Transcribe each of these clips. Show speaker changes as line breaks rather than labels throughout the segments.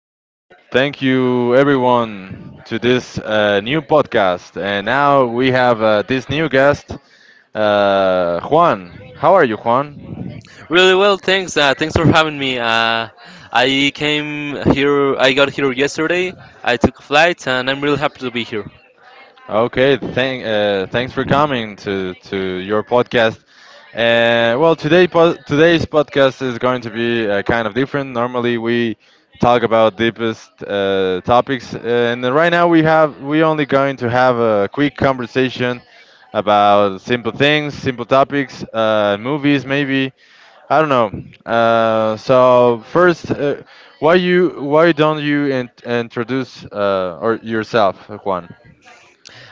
Hello, thank you everyone to this new podcast. And now we have this new guest, Juan. How are you, Juan?
Really well, thanks. Thanks for having me. I came here. I got here yesterday. I took a flight, and I'm really happy to be here.
Okay, thanks for coming to your podcast. Well, today's podcast is going to be kind of different. Normally, we talk about deepest topics, and then right now we only going to have a quick conversation about simple things, simple topics, movies, maybe. I don't know. So first, why don't you introduce or yourself, Juan?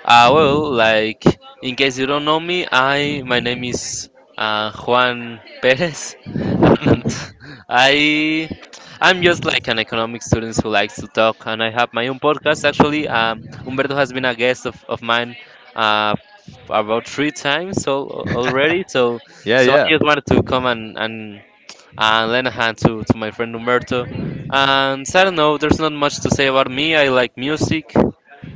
Like in case you don't know me, I my name is Juan Perez, and I I'm just like an economic student who likes to talk, and I have my own podcast. Actually, Humberto has been a guest of mine uh, about three times al already. So
Yeah,
so I
yeah.
just wanted to come and lend a hand to my friend Humberto. And so I don't know, there's not much to say about me. I like music.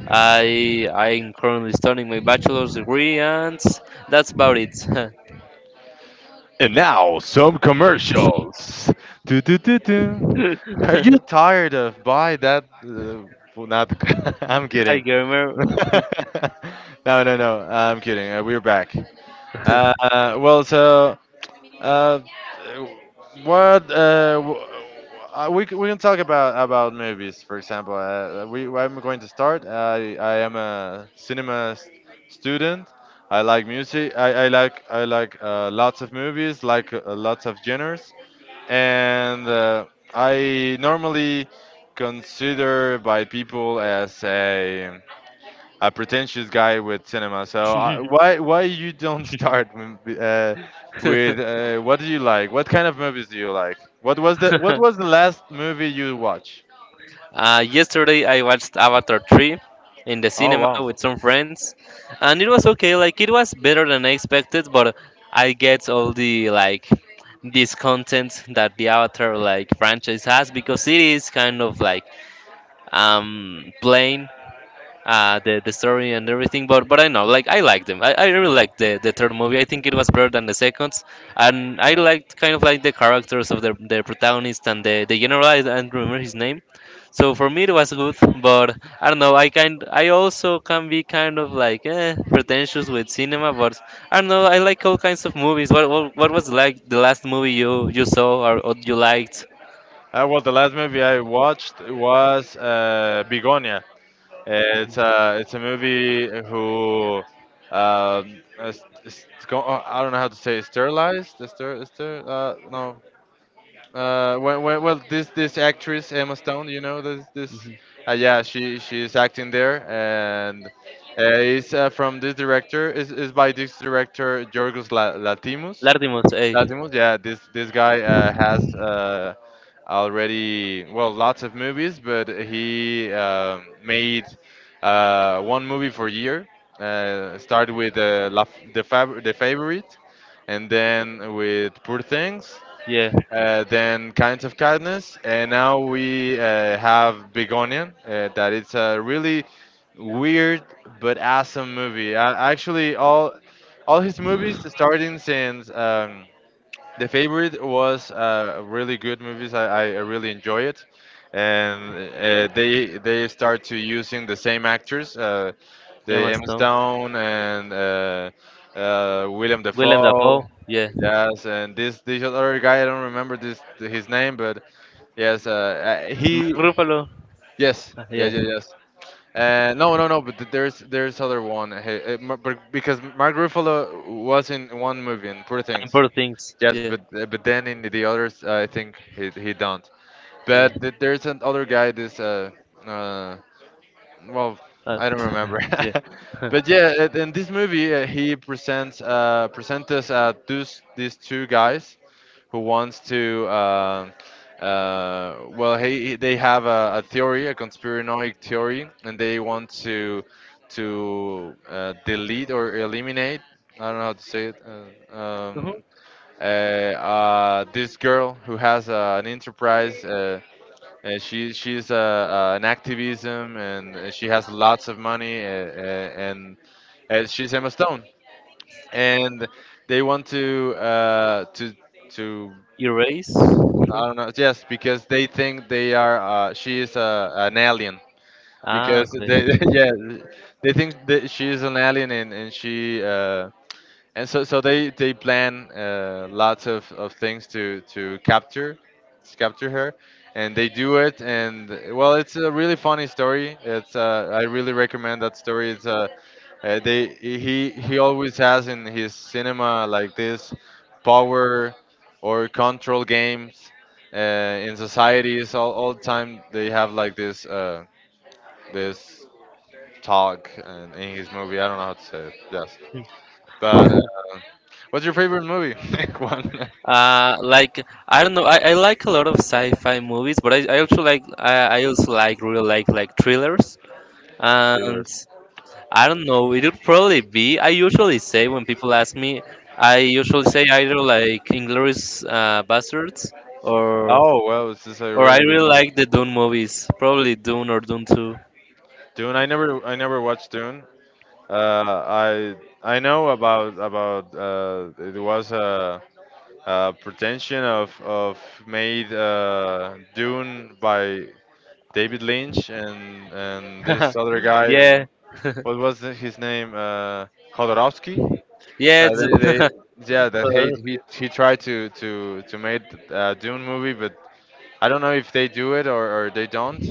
I'm currently studying my bachelor's degree, and that's about it.
And now some commercials. Do, do, do, do. Are you tired of buy that? Well, not. The- I'm
Hi,
kidding.
gamer.
No, no, no. I'm kidding. We're back. Uh, well, Uh, what uh, w- we can talk about movies. For example, we I'm going to start. I am a cinema student. I like music. I like lots of movies, like lots of genres, and I normally consider by people as a pretentious guy with cinema. So why you don't start with what do you like? What kind of movies do you like? What was the last movie you watched?
Yesterday I watched Avatar 3 in the
Oh
cinema
wow.
with some friends, and it was okay. Like it was better than I expected, but I get all the like this content that the Avatar like franchise has because it is kind of like plain, the story and everything. But I know, like I liked them. I really liked the third movie. I think it was better than the seconds, and I
Yeah.
liked kind of like the characters of the protagonist and the general. I don't remember his name. So for me it was good, but I don't know. I also can be kind of like, pretentious with cinema, but I don't know. I like all kinds of movies. What was like the last movie you saw, or you liked?
Well, the last movie I watched was Begonia. It's a movie who I don't know how to say it, sterilized. No, this actress Emma Stone, you know this, yeah, she's acting there, and it's from this director is by this director Yorgos Latimus.
Lardimus, eh?
Latimus, yeah, this guy has already well lots of movies, but he made one movie for a year. Start with La the the favorite, and then with Poor Things,
Yeah.
then Kinds of Kindness, and now we have Big Onion. That it's a really weird but awesome movie. Actually, all his movies, starting since the favorite was really good movies. I really enjoy it, and they start to using the same actors, the
Yeah.
Emma Stone and William
Willem
Dafoe.
Dafoe, yeah.
Yes, and this other guy, I don't remember this his name, but yes, uh,
Mark
he,
Ruffalo,
yes, yeah,
yeah.
yeah, yes. No, no, no, but there's other one, because Mark Ruffalo was in one movie in Poor
And
Things.
Poor Things,
Yes,
yeah.
but then in the others, I think he don't.
Yeah.
But there's an other guy, this uh, well
Uh,
I don't remember
yeah.
but yeah in this movie he presents us these two guys who wants to they have a theory a conspiranoid theory and they want to delete or eliminate I don't know how to say it uh,
Mhm.
um, this girl who has an enterprise she's an activism and she has lots of money and she's Emma Stone and they want to to
Erase,
I
sure.
don't know, yes, because they think they are she is an alien
Ah,
because
okay,
they
okay.
yeah they think that she is an alien and she and so they plan lots of things to capture her, and they do it. And well, it's a really funny story. It's I really recommend that story. It's they he always has in his cinema like this power or control games uh, in societies all the time. They have like this this talk and in his movie. I don't know how to say it. Yes. But what's your favorite movie? One
Uh, like I don't know. I like a lot of sci-fi movies, but I also I also like really like thrillers. And
thrillers.
I don't know. It would probably be. I usually say when people ask me, I usually say either like Inglourious Bastards or.
Oh well, this is a
Or I
really good
really
movie.
like the Dune movies. Probably Dune or Dune 2.
Dune. I never watched Dune. Uh, I I know about it was a pretension of made Dune by David Lynch and this other guy.
Yeah.
What was his name? Jodorowsky.
Yeah. It's-
They yeah that he tried to make a Dune movie, but I don't know if they do it or they don't.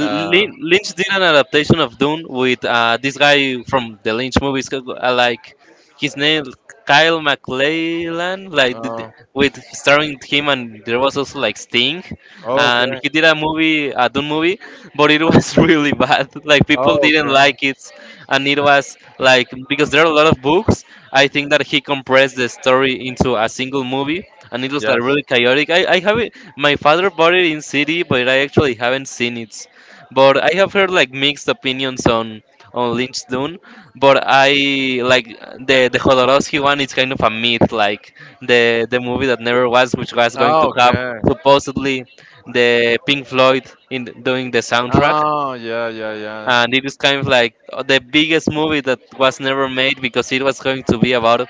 Uh,
Lynch did an adaptation of Dune with this guy from the Lynch movies, like his name Kyle MacLachlan, like did-
uh,
with starring him, and there was also like Sting,
oh,
and
okay.
he did a movie, a Dune movie, but it was really bad. Like people
Oh,
didn't
okay.
like it, and it was like because there are a lot of books. I think that he compressed the story into a single movie, and it was like
Yes.
really chaotic. I have it. My father bought it in CD, but I actually haven't seen it. But I have heard like mixed opinions on Lynch Dune. But I like the Jodorowsky one is kind of a myth, like the movie that never was, which was going to
Oh,
have
okay.
supposedly the Pink Floyd in doing the soundtrack.
Oh, yeah, yeah, yeah.
And it is kind of like the biggest movie that was never made, because it was going to be about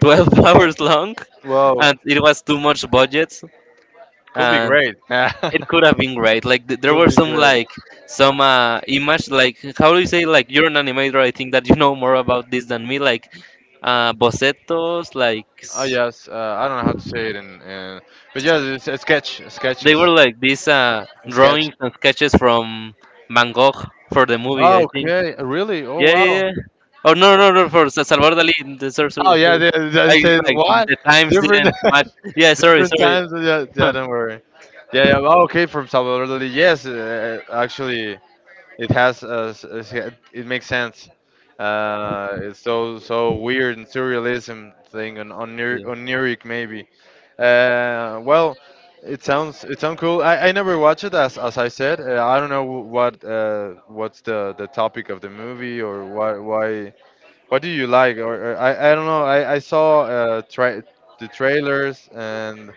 12 hours long,
Whoa.
and it was too much budget.
Could be
And
great.
it could have been great. There
Could
were
be
some
great.
like some image, like how do you say, like you're an animator. I think that you know more about this than me. Like bocetos,
Oh, yes. I don't know how to say it in, but yeah, it's a sketch,
they
sketches,
were like these
sketch.
drawings and sketches from Van Gogh for the movie.
Oh,
I think.
okay, really? Oh
Yeah, yeah,
wow.
yeah. Oh no, no, no, for Salvador Dali. Sorry, sorry,
Oh yeah,
sorry.
they
I
said
like
what?
The times
Different
didn't match. Yeah, sorry,
different
sorry.
times. Yeah, yeah, don't worry. Yeah, yeah. Well, okay, from Salvador Dali. Yes, actually, it has. It makes sense. It's so weird and surrealism thing on oniric maybe. Well, it sounds cool. I never watched it as I said. I don't know what what's the topic of the movie or why. What do you like? Or I don't know. I saw the trailers and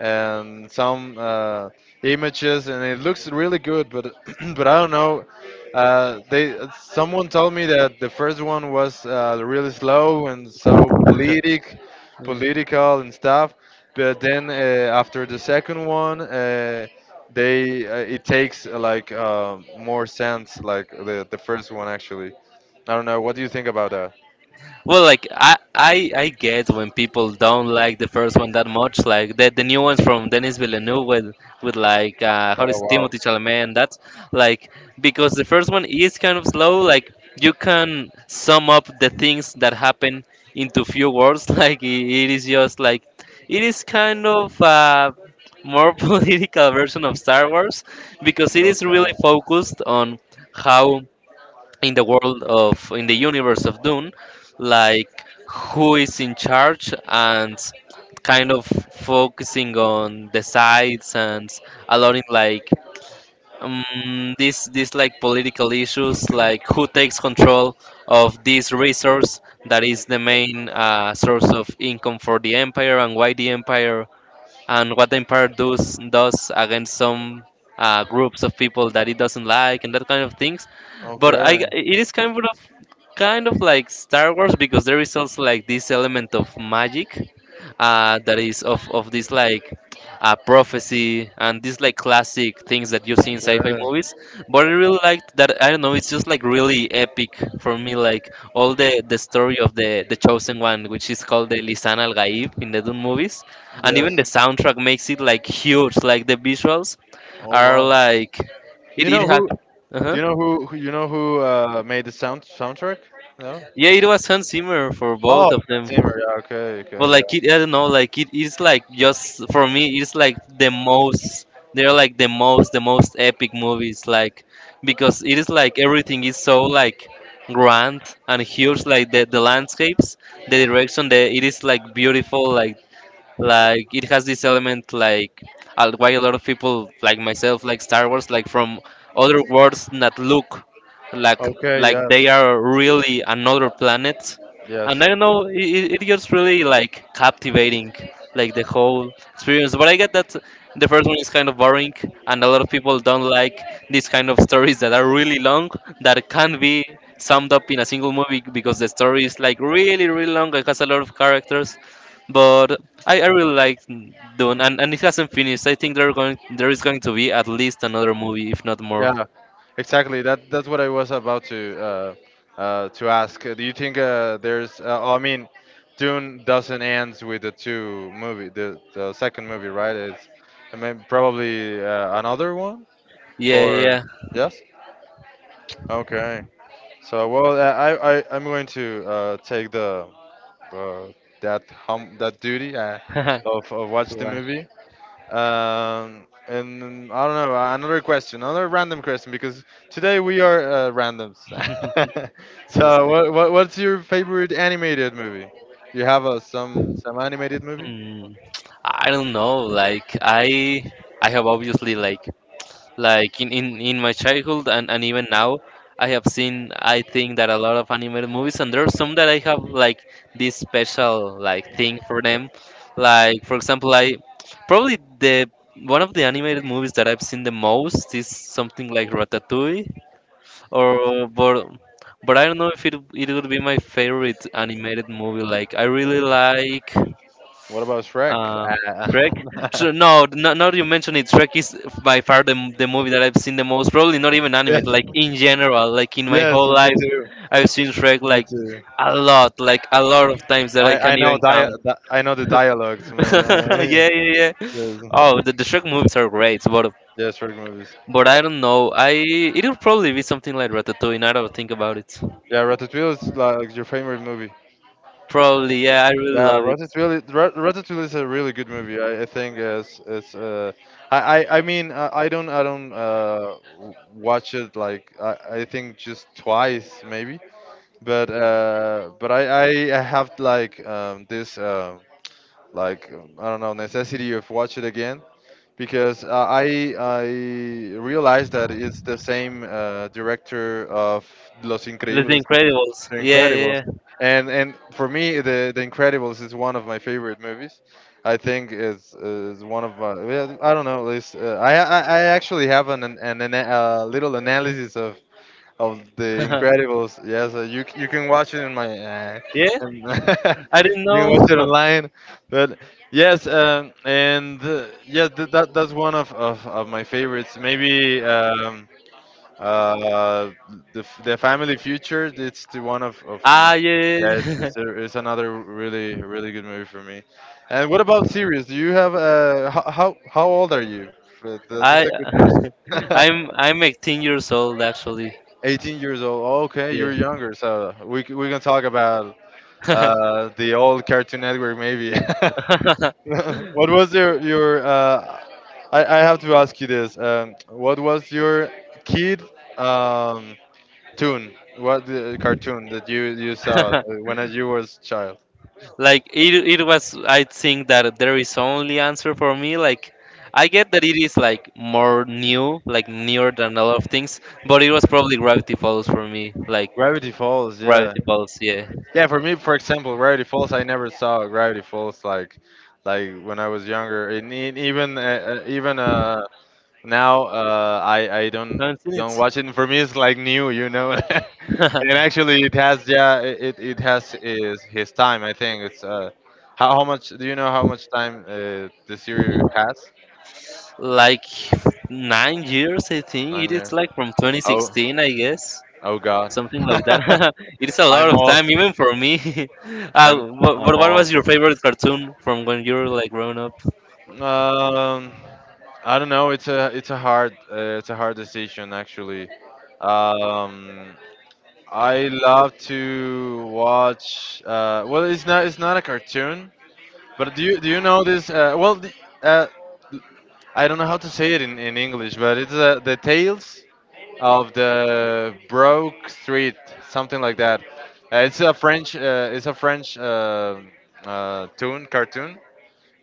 some images, and it looks really good. But but I don't know. They someone told me that the first one was really slow and so politic, political and stuff. But then after the second one, they it takes like more sense, like the first one actually. I don't know. What do you think about that?
Well, like I get when people don't like the first one that much. Like the new ones from Denis Villeneuve with like, how
Oh
is it,
wow.
Timothy Chalamet and that, like because the first one is kind of slow. Like you can sum up the things that happen into few words. Like it is just like it is kind of a more political version of Star Wars because it is really
Okay.
focused on how in the world of, in the universe of Dune, like who is in charge and kind of focusing on the sides, and allowing like, these this like political issues like who takes control of this resource that is the main source of income for the empire, and why the empire and what the empire does against some groups of people that it doesn't like, and that kind of things.
Okay.
But I,
Okay.
it is kind of like Star Wars, because there is also like this element of magic, that is of this like prophecy and these like classic things that you see in sci-fi movies. But I really liked that. I don't know, it's just like really epic for me, like all the story of the chosen one, which is called the Lisan Al Gaib in the Dune movies. And even
Yes.
the soundtrack makes it like huge, like the visuals
Oh
are
wow.
like,
Do you
it
know
has.
who?
Uh-huh.
Who, you know who made the sound soundtrack? No.
Yeah, it was Hans Zimmer for
Oh,
both of
Hans
them.
Zimmer. Yeah. Okay.
But
Okay.
like it,
Yeah.
I don't know, like it is like just for me, it's like the most. They're like the most epic movies, like because it is like everything is so like grand and huge, like the landscapes, the direction, the, it is like beautiful. Like it has this element like why a lot of people like myself like Star Wars, like from other worlds that look like
Okay.
like
Yes.
they are really another planet.
Yes.
And I don't know, it it gets really like captivating, like the whole experience. But I get that the first one is kind of boring, and a lot of people don't like these kind of stories that are really long, that can be summed up in a single movie because the story is like really really long. It has a lot of characters, but I really like Dune, and it hasn't finished. I think there are going there is going to be at least another movie, if not more.
Yeah. Exactly. That's what I was about to ask. Do you think there's? Oh, I mean, Dune doesn't ends with the two movie, the second movie, right? It's, I mean, probably another one
Yeah,
or
yeah,
yes. Okay. So well, I'm going to take the uh, that hum that duty.
yeah.
Of
To
watch the
watch.
movie. And I don't know, another question, another random question, because today we are randoms.
Just,
So, what's your favorite animated movie? Do you have some animated movie?
hmm, I don't know. I have obviously like in my childhood, and even now I have seen, I think, that a lot of animated movies, and there are some that I have like this special like thing for them. Like for example, I probably, the one of the animated movies that I've seen the most is something like Ratatouille or. But I don't know if it would be my favorite animated movie. Like I really like,
What about Shrek?
uh, Shrek.
Uh,
So no, no, now that you mention it, Shrek is by far the movie that I've seen the most. Probably not even animated.
yes,
Like in general, like in my
yes,
whole
me
life,
too,
I've seen Shrek
me too.
like a lot of times that I
I, I
can't
know
even count.
dia- I know the dialogues, man.
Yeah, yeah, yeah.
Yes,
Oh, the Shrek movies are great, but
yes, Shrek movies.
I don't know. I, it'll probably be something like Ratatouille. Now that I think about it,
Yeah, Ratatouille is like your favorite movie.
probably yeah. I really
Yeah,
love it.
Ratatouille. Ratatouille is a really good movie. I think it's. I, I mean I don't watch it, like I think just twice maybe. But I have like this like I don't know, necessity of watch it again because I realized that it's the same director of Los
Like The
Increíbles.
Incredibles.
The
Yeah,
Incredibles.
yeah,
And for me, the Incredibles is one of my favorite movies. I think is one of my. Yeah, I don't know. I actually have an ana- little analysis of the
yeah.
Incredibles. Yes, you you can watch it in my.
Yeah.
In-
I didn't
you can watch it
know.
online, but yes, and yeah, that's one of my favorites. Maybe. Uh, the the family future. It's the one of you know.
Ah, yeah,
Yeah,
yeah,
it's
yeah.
it's another really good movie for me. And what about series? Do you have how old are you? That's
I
a good question.
I'm 18 years old actually.
18 years old. Oh, okay,
Yeah.
you're younger, so we can talk about the old Cartoon Network maybe. What was your I have to ask you this. What was your kid, um cartoon. What cartoon that you saw when you was child?
Like it was, I think that there is only answer for me, like I get that it is like more new, like newer than a lot of things, but it was probably Gravity Falls for me. Like
Gravity Falls. Yeah.
Gravity Falls, yeah.
Yeah. For me, for example, Gravity Falls. I never saw Gravity Falls like when I was younger. And even now I
Haven't seen
don't
it.
watch it. For me, it's like new. And actually, it has, yeah, it has is his time. I think it's how much do you know how much time the series has?
Like 9 years, I think. It
Nine
is
years.
like from twenty
Oh,
sixteen I guess.
oh God,
Something like that. It's a lot
I'm
of
old.
time, even for me.
I'm I'm
What,
old.
was your favorite cartoon from when you were like growing up?
Um, I don't know. It's a hard decision actually. Um, I love to watch. Well, it's not a cartoon, but do you know this? Well, uh, I don't know how to say it in English, but it's the tales of the broke street, something like that. It's a French, tune cartoon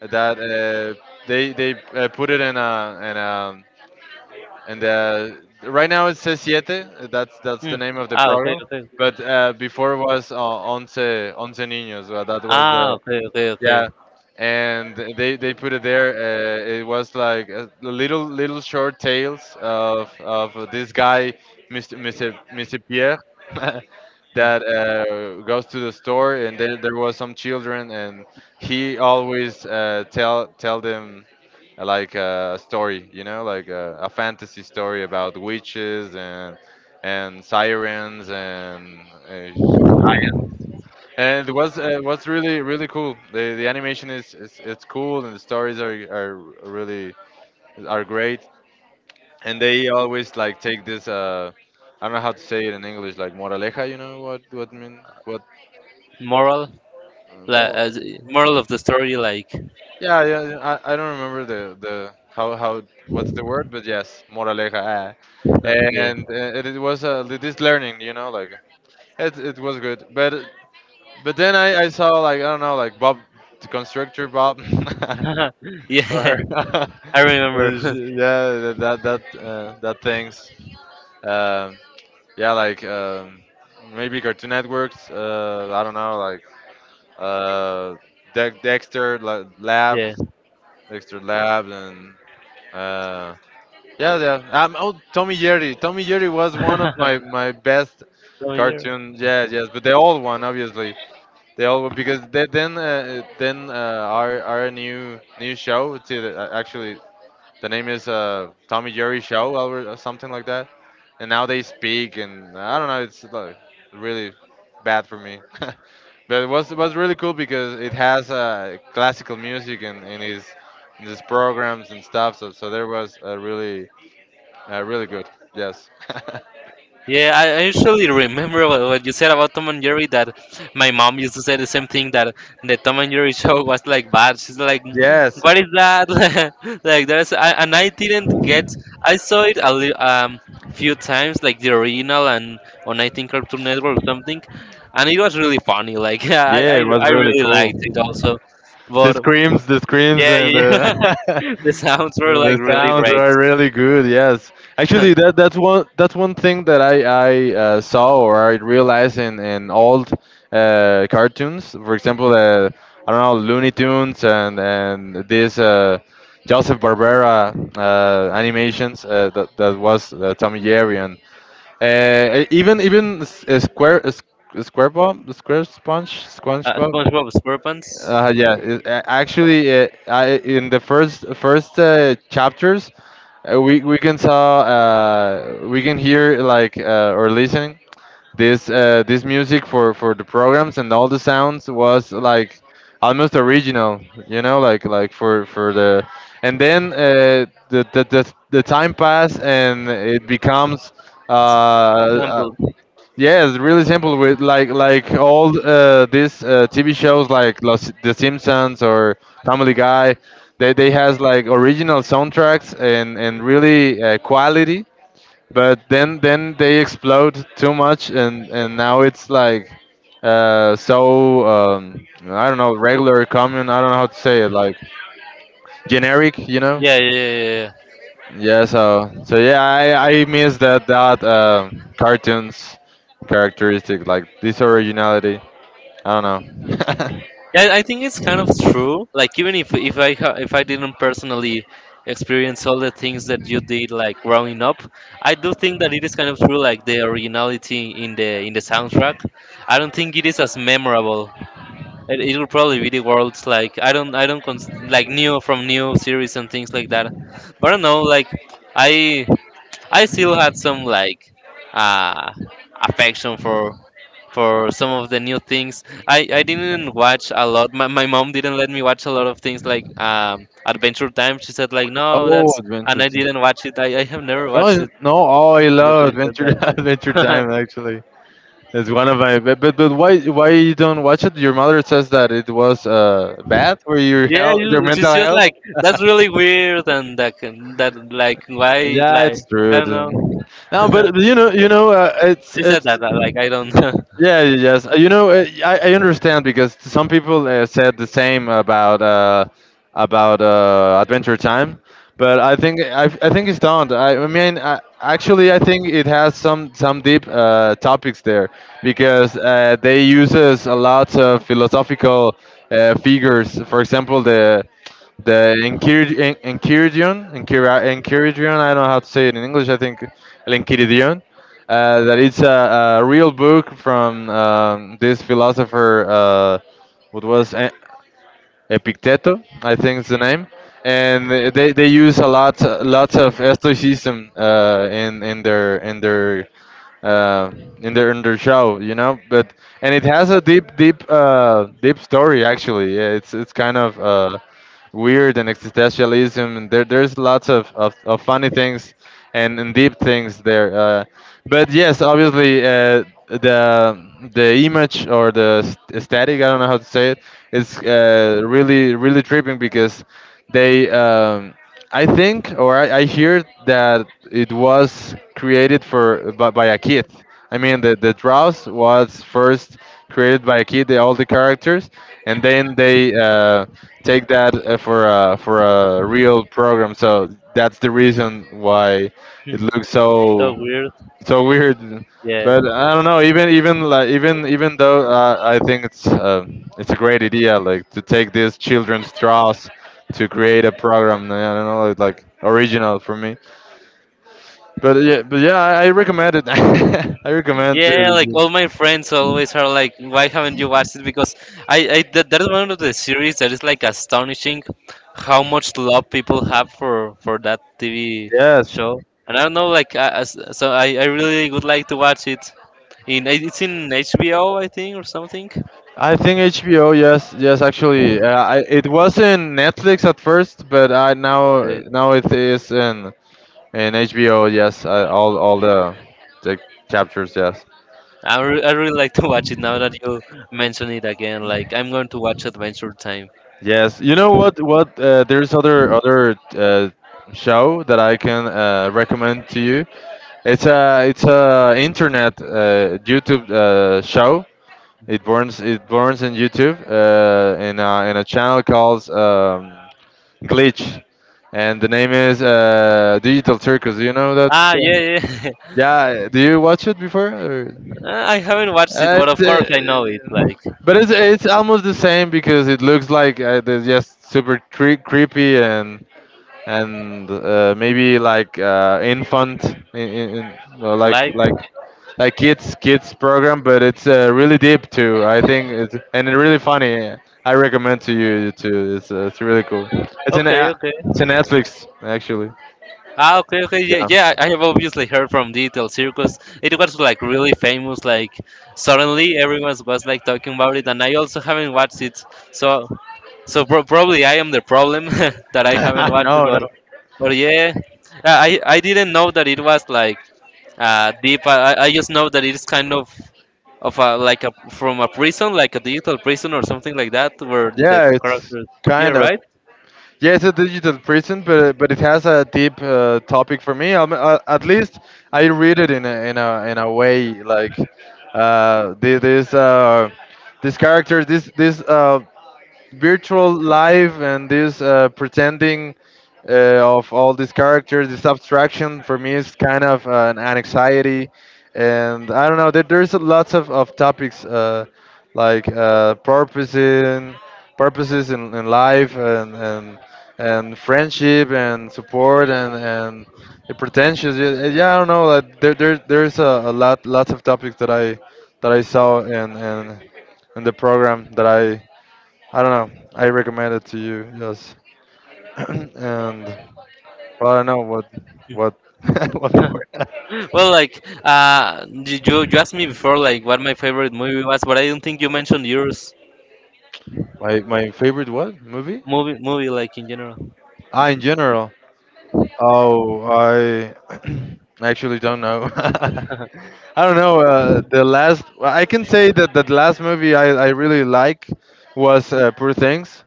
that they put it in a, and right now it's c siete. That's
Hmm.
the name of the
Ah, okay,
program.
okay.
But before was Once, Once Niños. Well, that was
Ah,
the...
okay, okay, okay.
yeah, and they put it there. It was like little short tales of this guy, Mr. Pierre. That goes to the store, and there was some children, and he always tell them, like, a story, like a fantasy story about witches and sirens uh, and it was was really cool. The animation is it's cool, and the stories are really are great. And they always, like, take this. I don't know how to say it in English, like, moraleja. You know what mean, what...
Moral,
Uh,
like,
mo-
as moral of the story, like,
Yeah, yeah, yeah, I don't remember the how what's the word, but yes, moraleja. Ah. And
uh,
it was this learning, like it was good. But then I saw, like, I don't know, like, Bob the Constructor, Bob.
yeah, yeah.
Or
I remember.
yeah, that things. Um, yeah, like, maybe Cartoon Networks. I don't know, like, uh, Dexter Lab,
Yeah.
Dexter Lab, and Uh, yeah, yeah. Oh, Tommy Jerry. Tommy Jerry was one of my my best
So year.
cartoons. Yeah, yes, but the old one, obviously. The old one because then our new show. It's actually, the name is Tommy Jerry Show, or something like that. And now they speak, and I don't know. It's like really bad for me. But it was really cool because it has classical music in his programs and stuff. So there was a really, really good. Yes.
Yeah, I usually remember what you said about Tom and Jerry, that my mom used to say the same thing, that the Tom and Jerry show was like bad. She's like,
Yes.
"What is that?" Like there's I, and I didn't get. I saw it a few times like the original and on, I think, Cartoon Network or something, and it was really funny. Like I,
Yeah, it was
I
really
really
cool.
liked it also, but
The screams,
yeah
and
yeah,
the...
yeah. The sounds were like
the
really
sounds
great.
are really good. Yes,
uh,
actually, that's one thing that I saw, or I realized in old cartoons. For example, I don't know, Looney Tunes, and this Joseph Barbera animations, that was Tommy Jerry, and even Square, Square Bob Square Sponge SpongeBob.
SpongeBob SquarePants
Yeah, actually, in the first chapters, we can saw, we can hear, like, or listen, this music for the programs, and all the sounds was like almost original, you know, like, for the... and then the time pass, and it becomes, uh, uh,
samples.
yes, really simple, with, like, all these TV shows like Los, The Simpsons, or Family Guy. They has, like, original soundtracks, and really quality. But then they explode too much, and now it's like, so, I don't know, regular, common. I don't know how to say it, like, generic. You know.
Yeah, yeah, yeah, yeah, yeah.
Yeah, so yeah, I miss that, cartoons characteristic, like this originality. I don't know.
Yeah, I think it's kind of true. Like even if I ha- if I didn't personally experience all the things that you did like growing up, I do think that it is kind of true. Like the originality in the soundtrack, I don't think it is as memorable. It will probably be the world's, like, new from new series and things like that. But I don't know. Like I I still had some, like uh, affection for some of the new things. I didn't watch a lot. My mom didn't let me watch a lot of things like Adventure Time. She said like no
Oh,
that's and
Adventure
I
Time.
didn't watch it. I have never
No,
watched
it's-
it
no. Oh, I
because
love
she said
Adventure Adventure
that.
Time. Actually, it's one of my... But, but why you don't watch it? Your mother says that it was bad for your
Yeah,
health, your
you, she's
mental
just
health.
like that's really weird and that, like, why,
Yeah,
like
it's
I
true.
don't know.
It- no,
She
but you know,
said
it's...
that like I don't.
Yeah, yes. You know,
I
I
don't know.
understand because some people said the same about, Adventure Time, but I think, I think it's don't. I mean, actually, I think it has some deep topics there because they uses a lot of philosophical figures. For example, the Enchiridion, Enchiridion, Enchiridion. I don't know how to say it in English. I think El Enchiridion. That it's a real book from, this philosopher. What was Epicteto? I think is the name. And they use a lot, lots of Stoicism in their in their uh, in their in their show, you know. But and it has a deep, deep, deep story, actually. Yeah, it's kind of weird and existentialism. And there's lots of funny things, and deep things there. But yes, obviously, the image, or the static, I don't know how to say it, is really, really tripping because they... I think, or I hear that it was created for, by a kid. I mean, the Drows was first created by a kid, all the characters, and then they take that for for a real program. So that's the reason why it
Hmm,
looks
so weird.
so weird.
Yeah.
But I don't know. Even though I think it's a great idea, like to take these children's draws to create a program. I don't know, like, original for me. But yeah, I recommend it. I recommend
Yeah, like
to.
all my friends always are like, why haven't you watched it? Because I that is one of the series that is like astonishing how much love people have for that TV
Yes.
show. And I don't know, like, I, as, so I really would like to watch it. In it's in HBO, I think, or something.
I think HBO. Yes, yes. Actually, it was in Netflix at first, but I
Uh,
now it is in HBO. Yes, all the chapters. Yes.
I really like to watch it now that you mention it again. Like, I'm going to watch Adventure Time.
Yes, you know what? What, there's other show that I can recommend to you. It's a internet, YouTube show. It burns in YouTube, in in a channel called, Glitch, and the name is Digital Circus. Do you know that?
Ah,
Yeah.
yeah, yeah.
Yeah, do you watch it before? Or?
I haven't watched it,
Uh,
but of
it's,
course I know it.
uh, but it's almost the same because it looks like they're just super creepy, and maybe, like, infant, in, in, in, uh, like
Like,
like like kids program, but it's really deep too. I think it's, and it's really funny. I recommend to you too. It's really cool. It's an
okay,
a-
okay.
it's a Netflix, actually.
Ah, okay, okay, yeah,
Yeah.
yeah. I have obviously heard from Digital Circus. It was like really famous. Like suddenly, everyone was like talking about it, and I also haven't watched it. So, so probably I am the problem that I haven't watched
No,
it.
no.
Or yeah, I didn't know that it was like deep. I just know that it's kind of a like a from a prison, like a digital prison or something like that, where the
Yeah, it's
characters. Yeah,
kind of.
right.
Yeah, it's a digital prison, but it has a deep topic for me. At least I read it in a way, like, this this character, this virtual life, and this pretending of all these characters. This abstraction for me is kind of an anxiety, and I don't know. There's lots of topics, like, purpose in, purposes in life, and friendship, and support, and the pretentious. Yeah, yeah, I don't know. Like, there's a lot, lots of topics that I, saw in the program, that I don't know. I recommend it to you. Yes. And, well, I don't know what, what what more.
Well, like you asked me before, like what my favorite movie was, but I don't think you mentioned yours.
My favorite what movie?
Movie, movie, like in general.
Ah, in general. Oh, I actually don't know. I don't know. The last... I can say that the last movie I really like was Poor Things.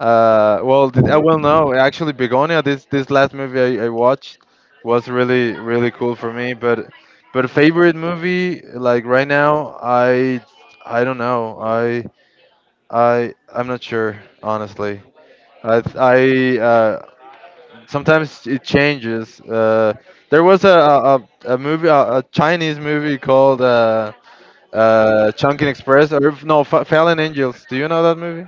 Well, well, no, actually, Begonia. This last movie I watched was really cool for me. But favorite movie, like, right now, I don't know. I'm not sure, honestly. I Sometimes it changes. There was a movie, a Chinese movie called, Chunkin Express, or no, Fallen Angels. Do you know that movie?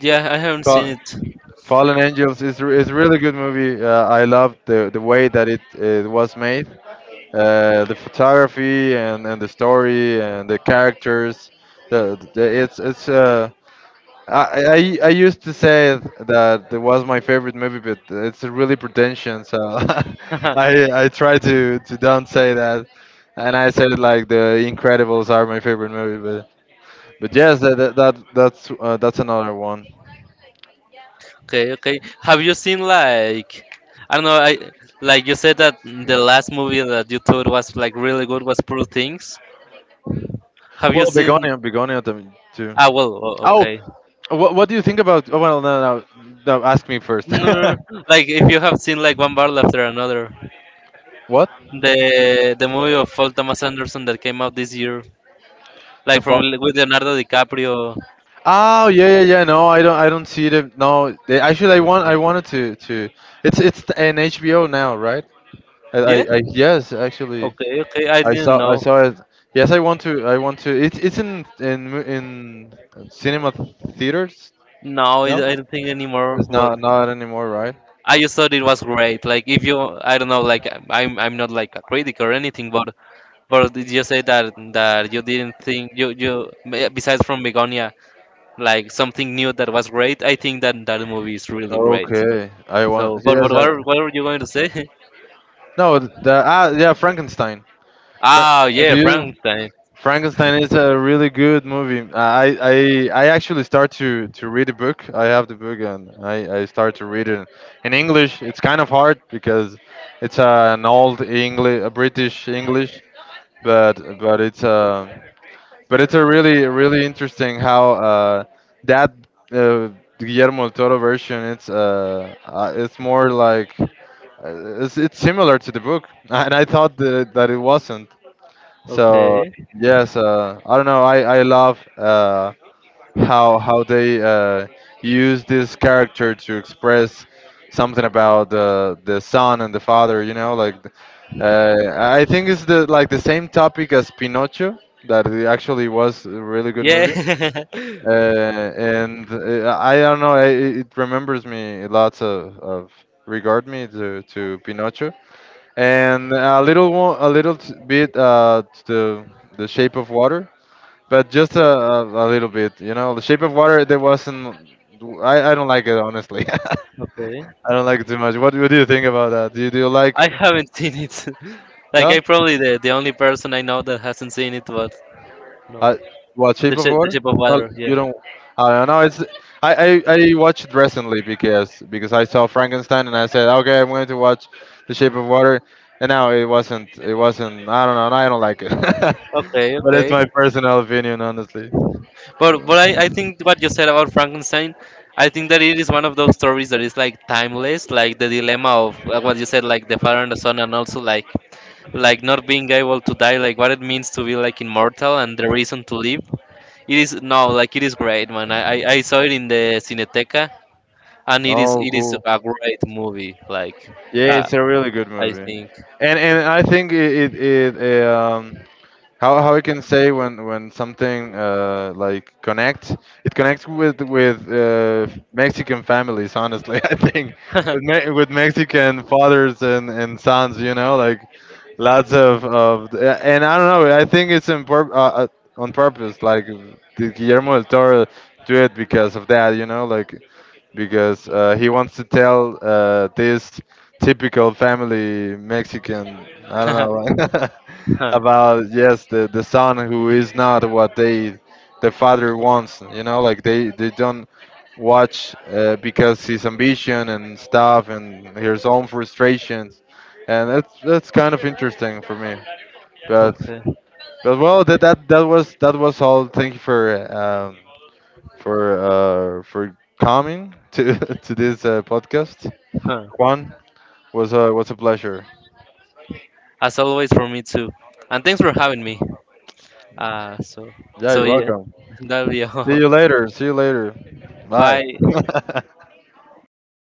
Yeah, I haven't seen
Fa-
it.
Fallen Angels is is really good movie. I love the way that it was made, the photography, and the story, and the characters. The it's I, I used to say that it was my favorite movie, but it's really pretentious. So I try to don't say that, and I said, like, the Incredibles are my favorite movie, but yes, that's another one.
Okay, okay. Have you seen, like, I don't know, I like you said that the last movie that you thought was like really good was Poor Things. Have you
Well,
seen?
Begonia, Begonia them too.
Ah, well,
Oh,
okay.
what, do you think about? Oh, well, no, no, no. Ask me first.
No, no, no, like if you have seen like one barrel after another,
What?
the movie of Paul Thomas Anderson that came out this year,
To
like from
bo-
with Leonardo DiCaprio.
Oh, yeah, yeah, yeah. No, I don't. I don't see the... No, they, actually, I want.
Okay.
I wanted to. To. It's an HBO now, right?
Yeah?
I Yes, actually,
Okay, okay. I didn't
I
know.
saw it. Yes, I want to. I want to. It's in cinema theaters.
No, I
No,
I don't think anymore.
it's
But
not anymore, right?
I just thought it was great. Like if you, I don't know. Like I'm not like a critic or anything. But did you say that that you didn't think you besides from Begonia, like something new that was great? I think that that movie is really great.
Okay, I want.
So, but
Yes, I...
what what were you going to say?
no. The... ah, yeah, Frankenstein. Fra-
Ah, yeah,
do you?
Frankenstein.
Frankenstein is a really good movie. I actually start to read the book. I have the book, and I start to read it in English. It's kind of hard because it's an old English, a British English, but but it's a really interesting how that, uh, Guillermo del Toro version, it's more like, it's similar to the book and I thought that it wasn't so...
Okay.
Yes, I don't know. I love, how they use this character to express something about the son and the father. You know, like, I think it's the, like the same topic as Pinocchio. That it actually was a really good
Yeah.
movie. And I don't know. It remembers me lots of... regard me to Pinocchio, and a little one, a little bit to the shape of water, but just a little bit. You know, the shape of water. There wasn't... I don't like it, honestly.
Okay.
I don't like it too much. What, do you think about that? Do you like?
I haven't seen it. Like
No?
I probably, the only person I know that hasn't seen it, but no,
Uh, what shape of
the
water?
shape of
Well,
water.
you
Yeah.
don't. I don't know. It's I watched recently because I saw Frankenstein, and I said, okay, I'm going to watch The Shape of Water, and now it wasn't. I don't know, I don't like it.
Okay,
But it's
okay.
my personal opinion, honestly.
But I think what you said about Frankenstein, I think that it is one of those stories that is like timeless, like the dilemma of what you said, like the father and the son, and also like not being able to die, like what it means to be like immortal and the reason to live. It is no, like it is great, man. I saw it in the Cineteca, and it is
Oh,
it is
cool.
a great movie. Like.
Yeah,
uh,
it's a really good
I
movie,
think.
and I think it, how we can say, when something, like, connects. It connects with, Mexican families, honestly, I think
Okay.
with Mexican fathers and sons, you know, like, lots of... and I don't know, I think it's in, uh, uh, on purpose, like the Guillermo del Toro do it because of that, you know, like, because he wants to tell this typical family Mexican, I don't know, about... yes, the son who is not what they... the father wants. You know, like they don't watch because his ambition and stuff, and his own frustrations, and that's kind of interesting for me. But well, that was all. Thank you for, um, for coming to, to this podcast.
Huh.
Juan, was a pleasure.
As always, for me too. And thanks for having me. Uh, so,
Yeah,
so
you're
yeah,
welcome.
that'll be
See
all.
you later. See you later. Bye.
Bye.